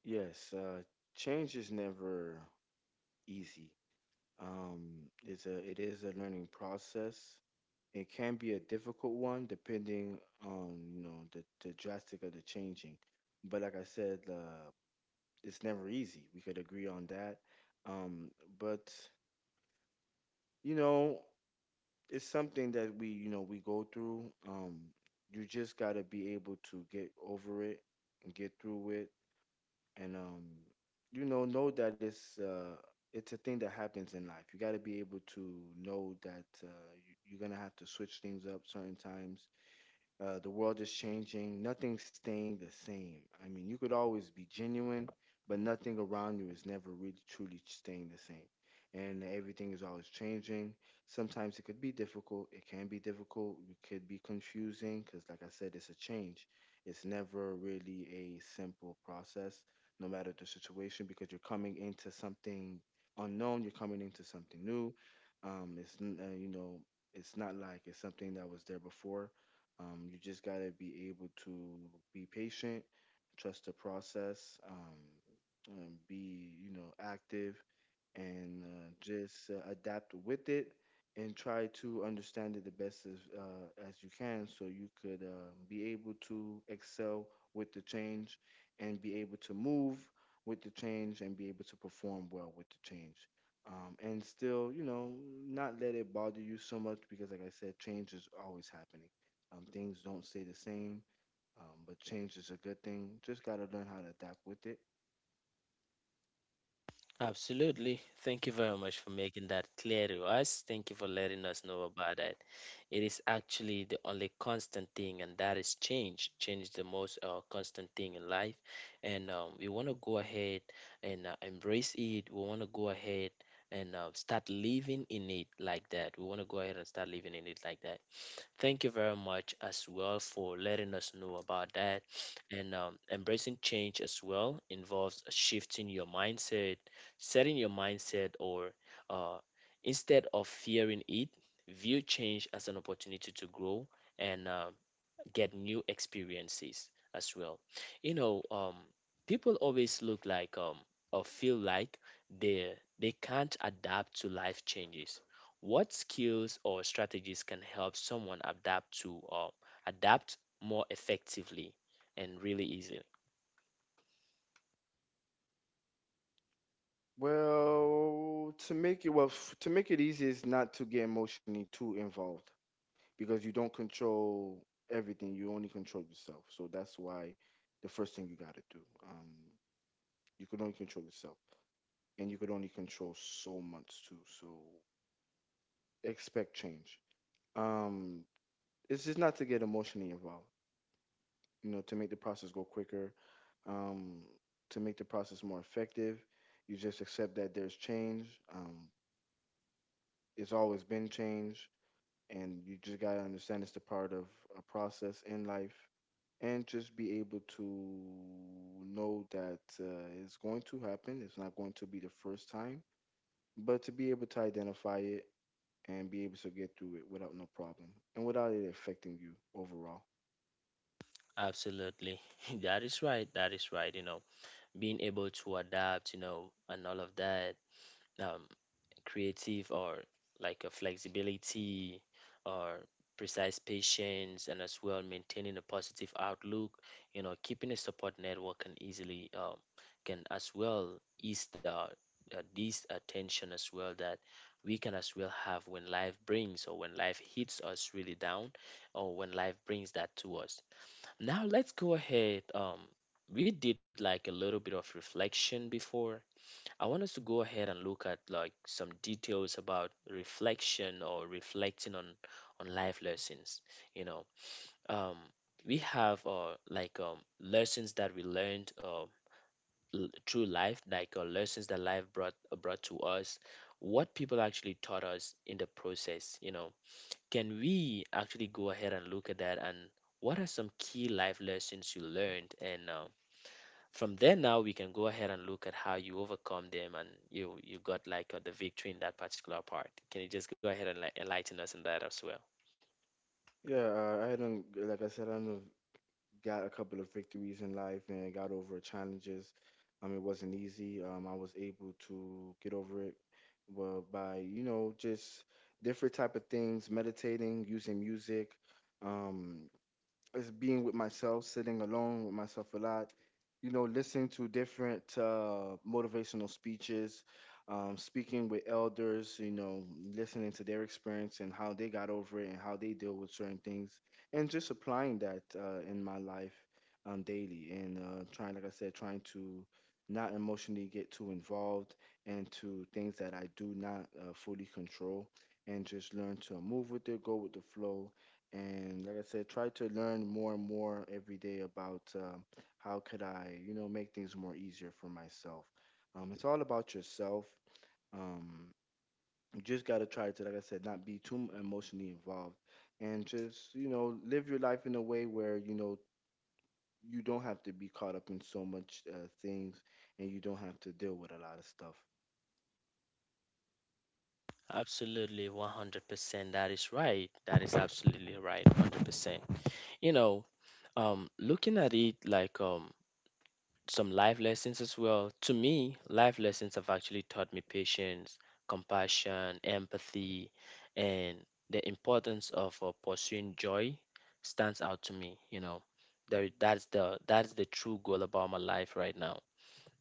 Speaker 2: Yes, change is never easy. It is a learning process. It can be a difficult one depending on, you know, the drastic of the changing. But like I said, it's never easy. We could agree on that. Um, but, you know, it's something that we, you know, we go through. You just got to be able to get over it and get through it. And, you know that it's a thing that happens in life. You got to be able to know that you're going to have to switch things up certain times. The world is changing. Nothing's staying the same. I mean, you could always be genuine, but nothing around you is never really truly staying the same. And everything is always changing. Sometimes it could be difficult. It can be difficult. It could be confusing because, like I said, it's a change. It's never really a simple process, no matter the situation, because you're coming into something unknown. You're coming into something new. It's n- you know, it's not like it's something that was there before. You just gotta be able to be patient, trust the process, and be active, and just adapt with it and try to understand it the best as you can so you could be able to excel with the change and be able to move with the change and be able to perform well with the change, and still not let it bother you so much because, like I said, change is always happening. Things don't stay the same. But change is a good thing. Just got to learn how to adapt with it.
Speaker 1: Absolutely. Thank you very much for making that clear to us. Thank you for letting us know about that. It is actually the only constant thing, and that is change. Change is the most constant thing in life. And We want to go ahead and embrace it. We want to go ahead and start living in it like that. We want to go ahead and start living in it like that. Thank you very much as well for letting us know about that. And Embracing change as well involves shifting your mindset, setting your mindset, or uh, instead of fearing it, view change as an opportunity to grow and get new experiences as well. You know, people always look like or feel like they they can't adapt to life changes. What skills or strategies can help someone adapt to adapt more effectively and really easily?
Speaker 2: Well, to make it to make it easy is not to get emotionally too involved because you don't control everything. You only control yourself. So that's why the first thing you got to do. You can only control yourself, and you could only control so much too. So expect change. Um, it's just not to get emotionally involved. You know, to make the process go quicker. Um, to make the process more effective, you just accept that there's change. It's always been change and you just gotta understand it's a part of a process in life and just be able to know that, it's going to happen. It's not going to be the first time, but to be able to identify it and be able to get through it without no problem and without it affecting you overall.
Speaker 1: Absolutely. That is right. That is right. You know, being able to adapt, you know, and all of that, um, creative, or like a flexibility, or precise patience, and as well maintaining a positive outlook, you know, keeping a support network can easily can as well ease the this attention as well that we can as well have when life brings, or when life hits us really down, or when life brings that to us. Now let's go ahead. We did like a little bit of reflection before. I want us to go ahead and look at like some details about reflection, or reflecting on life lessons. You know, um, we have lessons that we learned, through life, like lessons that life brought to us, what people actually taught us in the process. You know, can we actually go ahead and look at that? And what are some key life lessons you learned? And from there now we can go ahead and look at how you overcome them, and you got like the victory in that particular part. Can you just go ahead and like, enlighten us on that as well?
Speaker 2: Yeah, I don't, like I said, I don't got a couple of victories in life and got over challenges. It wasn't easy. I was able to get over it, well, by just different type of things: meditating, using music, um, is being with myself, sitting alone with myself a lot. You know, listening to different motivational speeches, speaking with elders. You know, listening to their experience and how they got over it and how they deal with certain things, and just applying that in my life daily. And trying, like I said, trying to not emotionally get too involved into things that I do not fully control, and just learn to move with it, go with the flow, and, like I said, try to learn more and more every day about how could I, you know, make things more easier for myself. It's all about yourself. Um, you just gotta try to, like I said, not be too emotionally involved, and just, you know, live your life in a way where you know you don't have to be caught up in so much things, and you don't have to deal with a lot of stuff.
Speaker 1: Absolutely, 100%. That is right. That is absolutely right, 100%. You know, looking at it like some life lessons as well. To me, life lessons have actually taught me patience, compassion, empathy, and the importance of pursuing joy stands out to me. You know, there, that's the true goal about my life right now.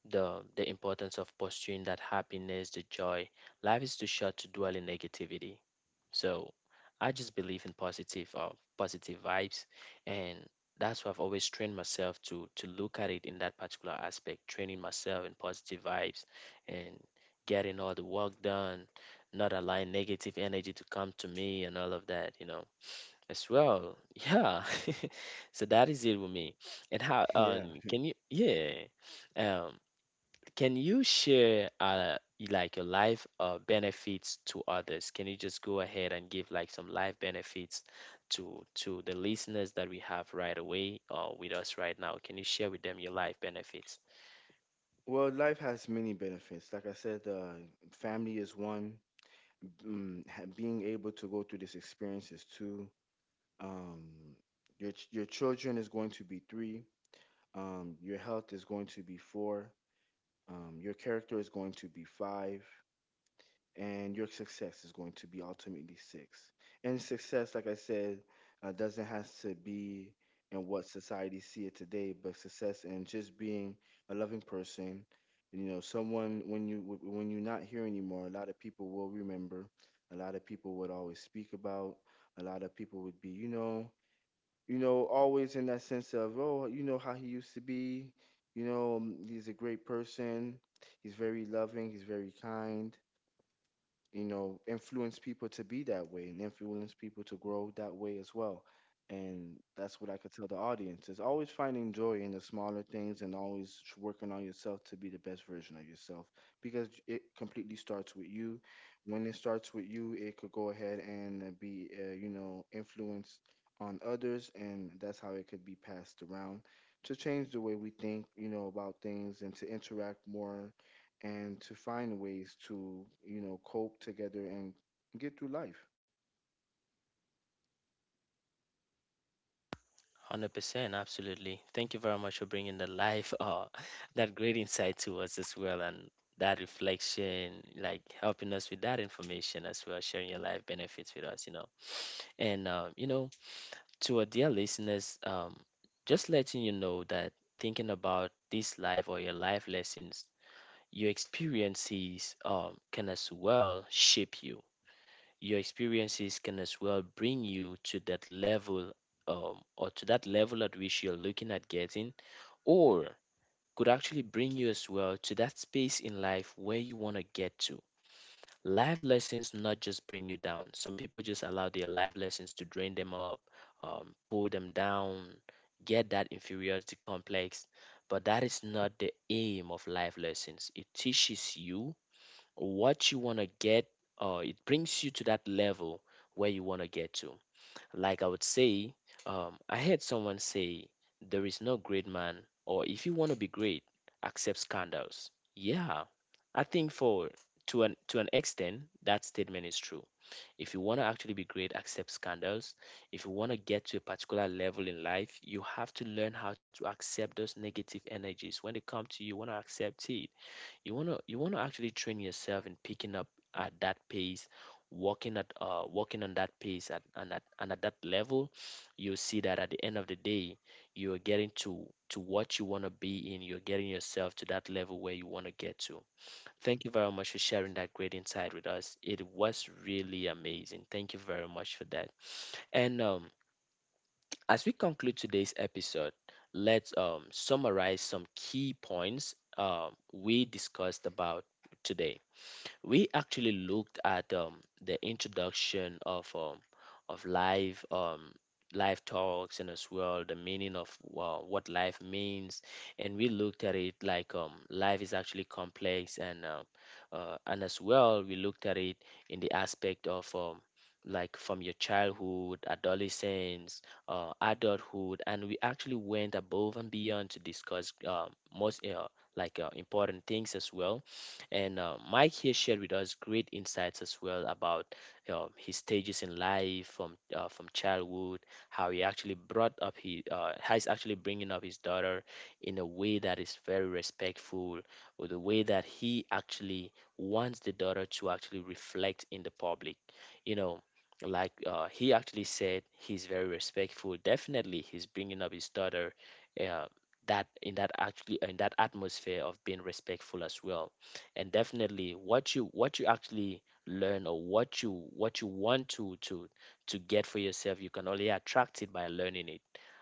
Speaker 1: The importance of pursuing that happiness, the joy. Life is too short to dwell in negativity. So I just believe in positive vibes, and that's why I've always trained myself to look at it in that particular aspect, training myself in positive vibes and getting all the work done, not allowing negative energy to come to me and all of that, you know. As well, yeah. So that is it with me. And how
Speaker 2: Yeah.
Speaker 1: can you, yeah. Um can you share, like your life benefits to others? Can you just go ahead and give like some life benefits to the listeners that we have right away or with us right now? Can you share with them your life benefits?
Speaker 2: Well, life has many benefits. Like I said, family is one. Being able to go through this experience is two. Um, your your children is going to be three. Your health is going to be four. Your character is going to be five and your success is going to be ultimately six. And success, like I said, doesn't have to be in what society see it today, but success and just being a loving person. You know, someone when when you're not here anymore, a lot of people will remember. A lot of people would always speak about. A lot of people would be, you know, always in that sense of, oh, you know how he used to be. You know, he's a great person. He's very loving. He's very kind. You know, influence people to be that way and influence people to grow that way as well. And that's what I could tell the audience is always finding joy in the smaller things and always working on yourself to be the best version of yourself because it completely starts with you. When it starts with you, it could go ahead and be, you know, influenced on others. And that's how it could be passed around to change the way we think, you know, about things and to interact more and to find ways to, you know, cope together and get through life.
Speaker 1: 100%, absolutely. Thank you very much for bringing the life, that great insight to us as well, and that reflection, like helping us with that information as well, sharing your life benefits with us, you know. And You know, to our dear listeners, just letting you know that thinking about this life or your life lessons, your experiences can as well shape you. Your experiences can as well bring you to that level or to that level at which you're looking at getting, or could actually bring you as well to that space in life where you want to get to. Life lessons not just bring you down. Some people just allow their life lessons to drain them up, pull them down, get that inferiority complex. But that is not the aim of life lessons. It teaches you what you want to get, or it brings you to that level where you want to get to. Like I would say, I heard someone say, there is no great man, or if you want to be great, accept scandals. Yeah, I think for, to an extent that statement is true. If you want to actually be great, accept scandals. If you want to get to a particular level in life, you have to learn how to accept those negative energies when they come to you. Want to accept it. You want to actually train yourself in picking up at that pace, walking at walking on that pace at that level. You'll see that at the end of the day you're getting to what you want to be in. You're getting yourself to that level where you want to get to. Thank you very much for sharing that great insight with us. It was really amazing. Thank you very much for that. And as we conclude today's episode, let's summarize some key points we discussed about today. We actually looked at the introduction of of live um, live talks, and as well the meaning of what life means. And we looked at it like, life is actually complex, and as well we looked at it in the aspect of like from your childhood, adolescence, adulthood. And we actually went above and beyond to discuss most like important things as well. And Mike here shared with us great insights as well about his stages in life, from childhood, how he actually how he's actually bringing up his daughter in a way that is very respectful, or the way that he actually wants the daughter to actually reflect in the public. You know, he actually said, he's very respectful. Definitely, he's bringing up his daughter. Uh, that in that actually, in that atmosphere of being respectful as well. And definitely, what you actually learn, or what you want to get for yourself, you can only attract it by learning it.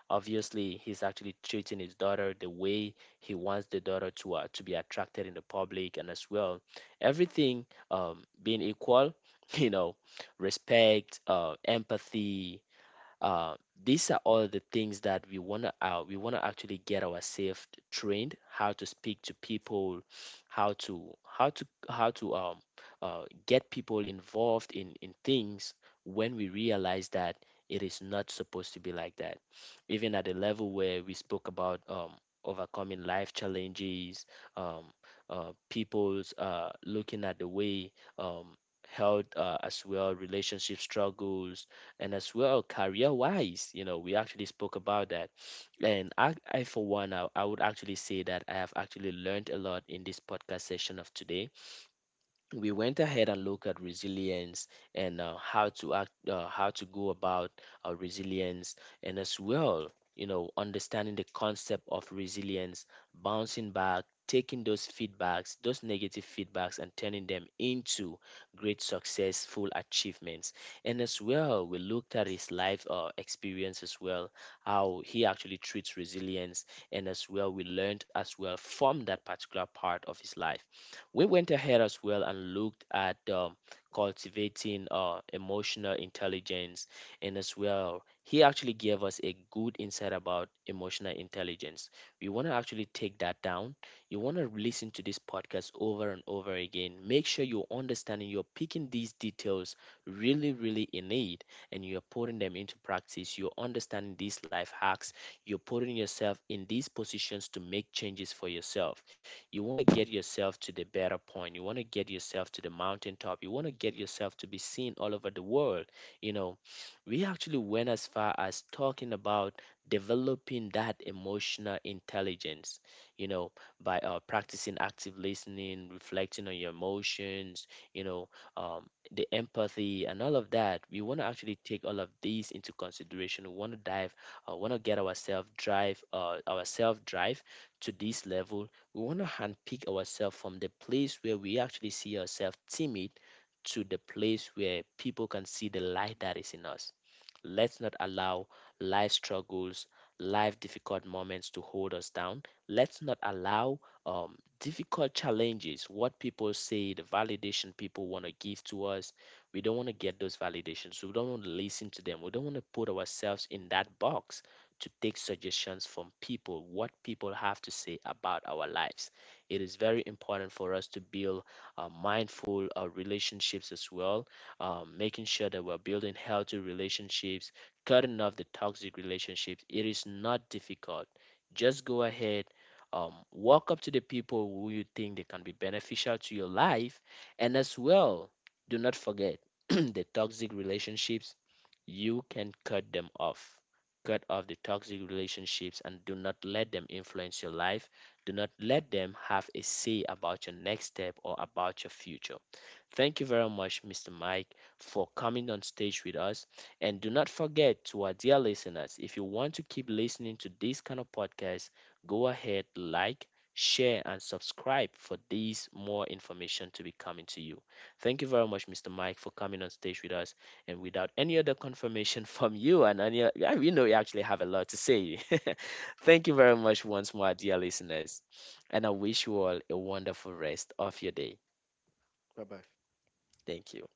Speaker 1: Obviously, he's actually treating his daughter the way he wants the daughter to be attracted in the public. And as well, everything being equal, you know, respect, empathy. Uh, these are all the things that we wanna, we wanna actually get ourselves trained how to speak to people, how to how to how to get people involved in things. When we realize that it is not supposed to be like that. Even at the level where we spoke about overcoming life challenges, um people's looking at the way, um health, as well relationship struggles, and as well career wise, you know, we actually spoke about that. And I for one, I would actually say that I have actually learned a lot in this podcast session of today. We went ahead and looked at resilience, and how how to go about resilience, and as well, you know, understanding the concept of resilience, bouncing back, taking those feedbacks, those negative feedbacks, and turning them into great successful achievements. And as well, we looked at his life experience as well, how he actually treats resilience, and as well, we learned as well from that particular part of his life. We went ahead as well and looked at cultivating emotional intelligence, and as well, he actually gave us a good insight about emotional intelligence. We want to actually take that down. You want to listen to this podcast over and over again. Make sure you're understanding, you're picking these details really, really in need, and you're putting them into practice. You're understanding these life hacks. You're putting yourself in these positions to make changes for yourself. You want to get yourself to the better point. You want to get yourself to the mountaintop. You want to get yourself to be seen all over the world. You know, we actually went as far as talking about developing that emotional intelligence, you know, by practicing active listening, reflecting on your emotions, you know, um, the empathy and all of that. We want to actually take all of these into consideration. We want to dive want to get ourselves drive ourself drive to this level. We want to handpick ourselves from the place where we actually see ourselves timid to the place where people can see the light that is in us. Let's not allow life struggles, life difficult moments to hold us down. Let's not allow difficult challenges, what people say, the validation people want to give to us. We don't want to get those validations. We don't want to listen to them. We don't want to put ourselves in that box to take suggestions from people, what people have to say about our lives. It is very important for us to build mindful relationships as well, making sure that we're building healthy relationships, cutting off the toxic relationships. It is not difficult. Just go ahead. Walk up to the people who you think they can be beneficial to your life, and as well, do not forget the toxic relationships, you can cut them off. Cut off the toxic relationships and do not let them influence your life. Do not let them have a say about your next step or about your future. Thank you very much, Mr. Mike, for coming on stage with us. And do not forget, to our dear listeners, if you want to keep listening to this kind of podcast, go ahead, like, share, and subscribe for these more information to be coming to you. Thank you very much, Mr. Mike, for coming on stage with us, and without any other confirmation from you, and any, yeah, you know, you actually have a lot to say. Thank you very much once more, dear listeners, and I wish you all a wonderful rest of your day.
Speaker 2: Bye bye.
Speaker 1: Thank you.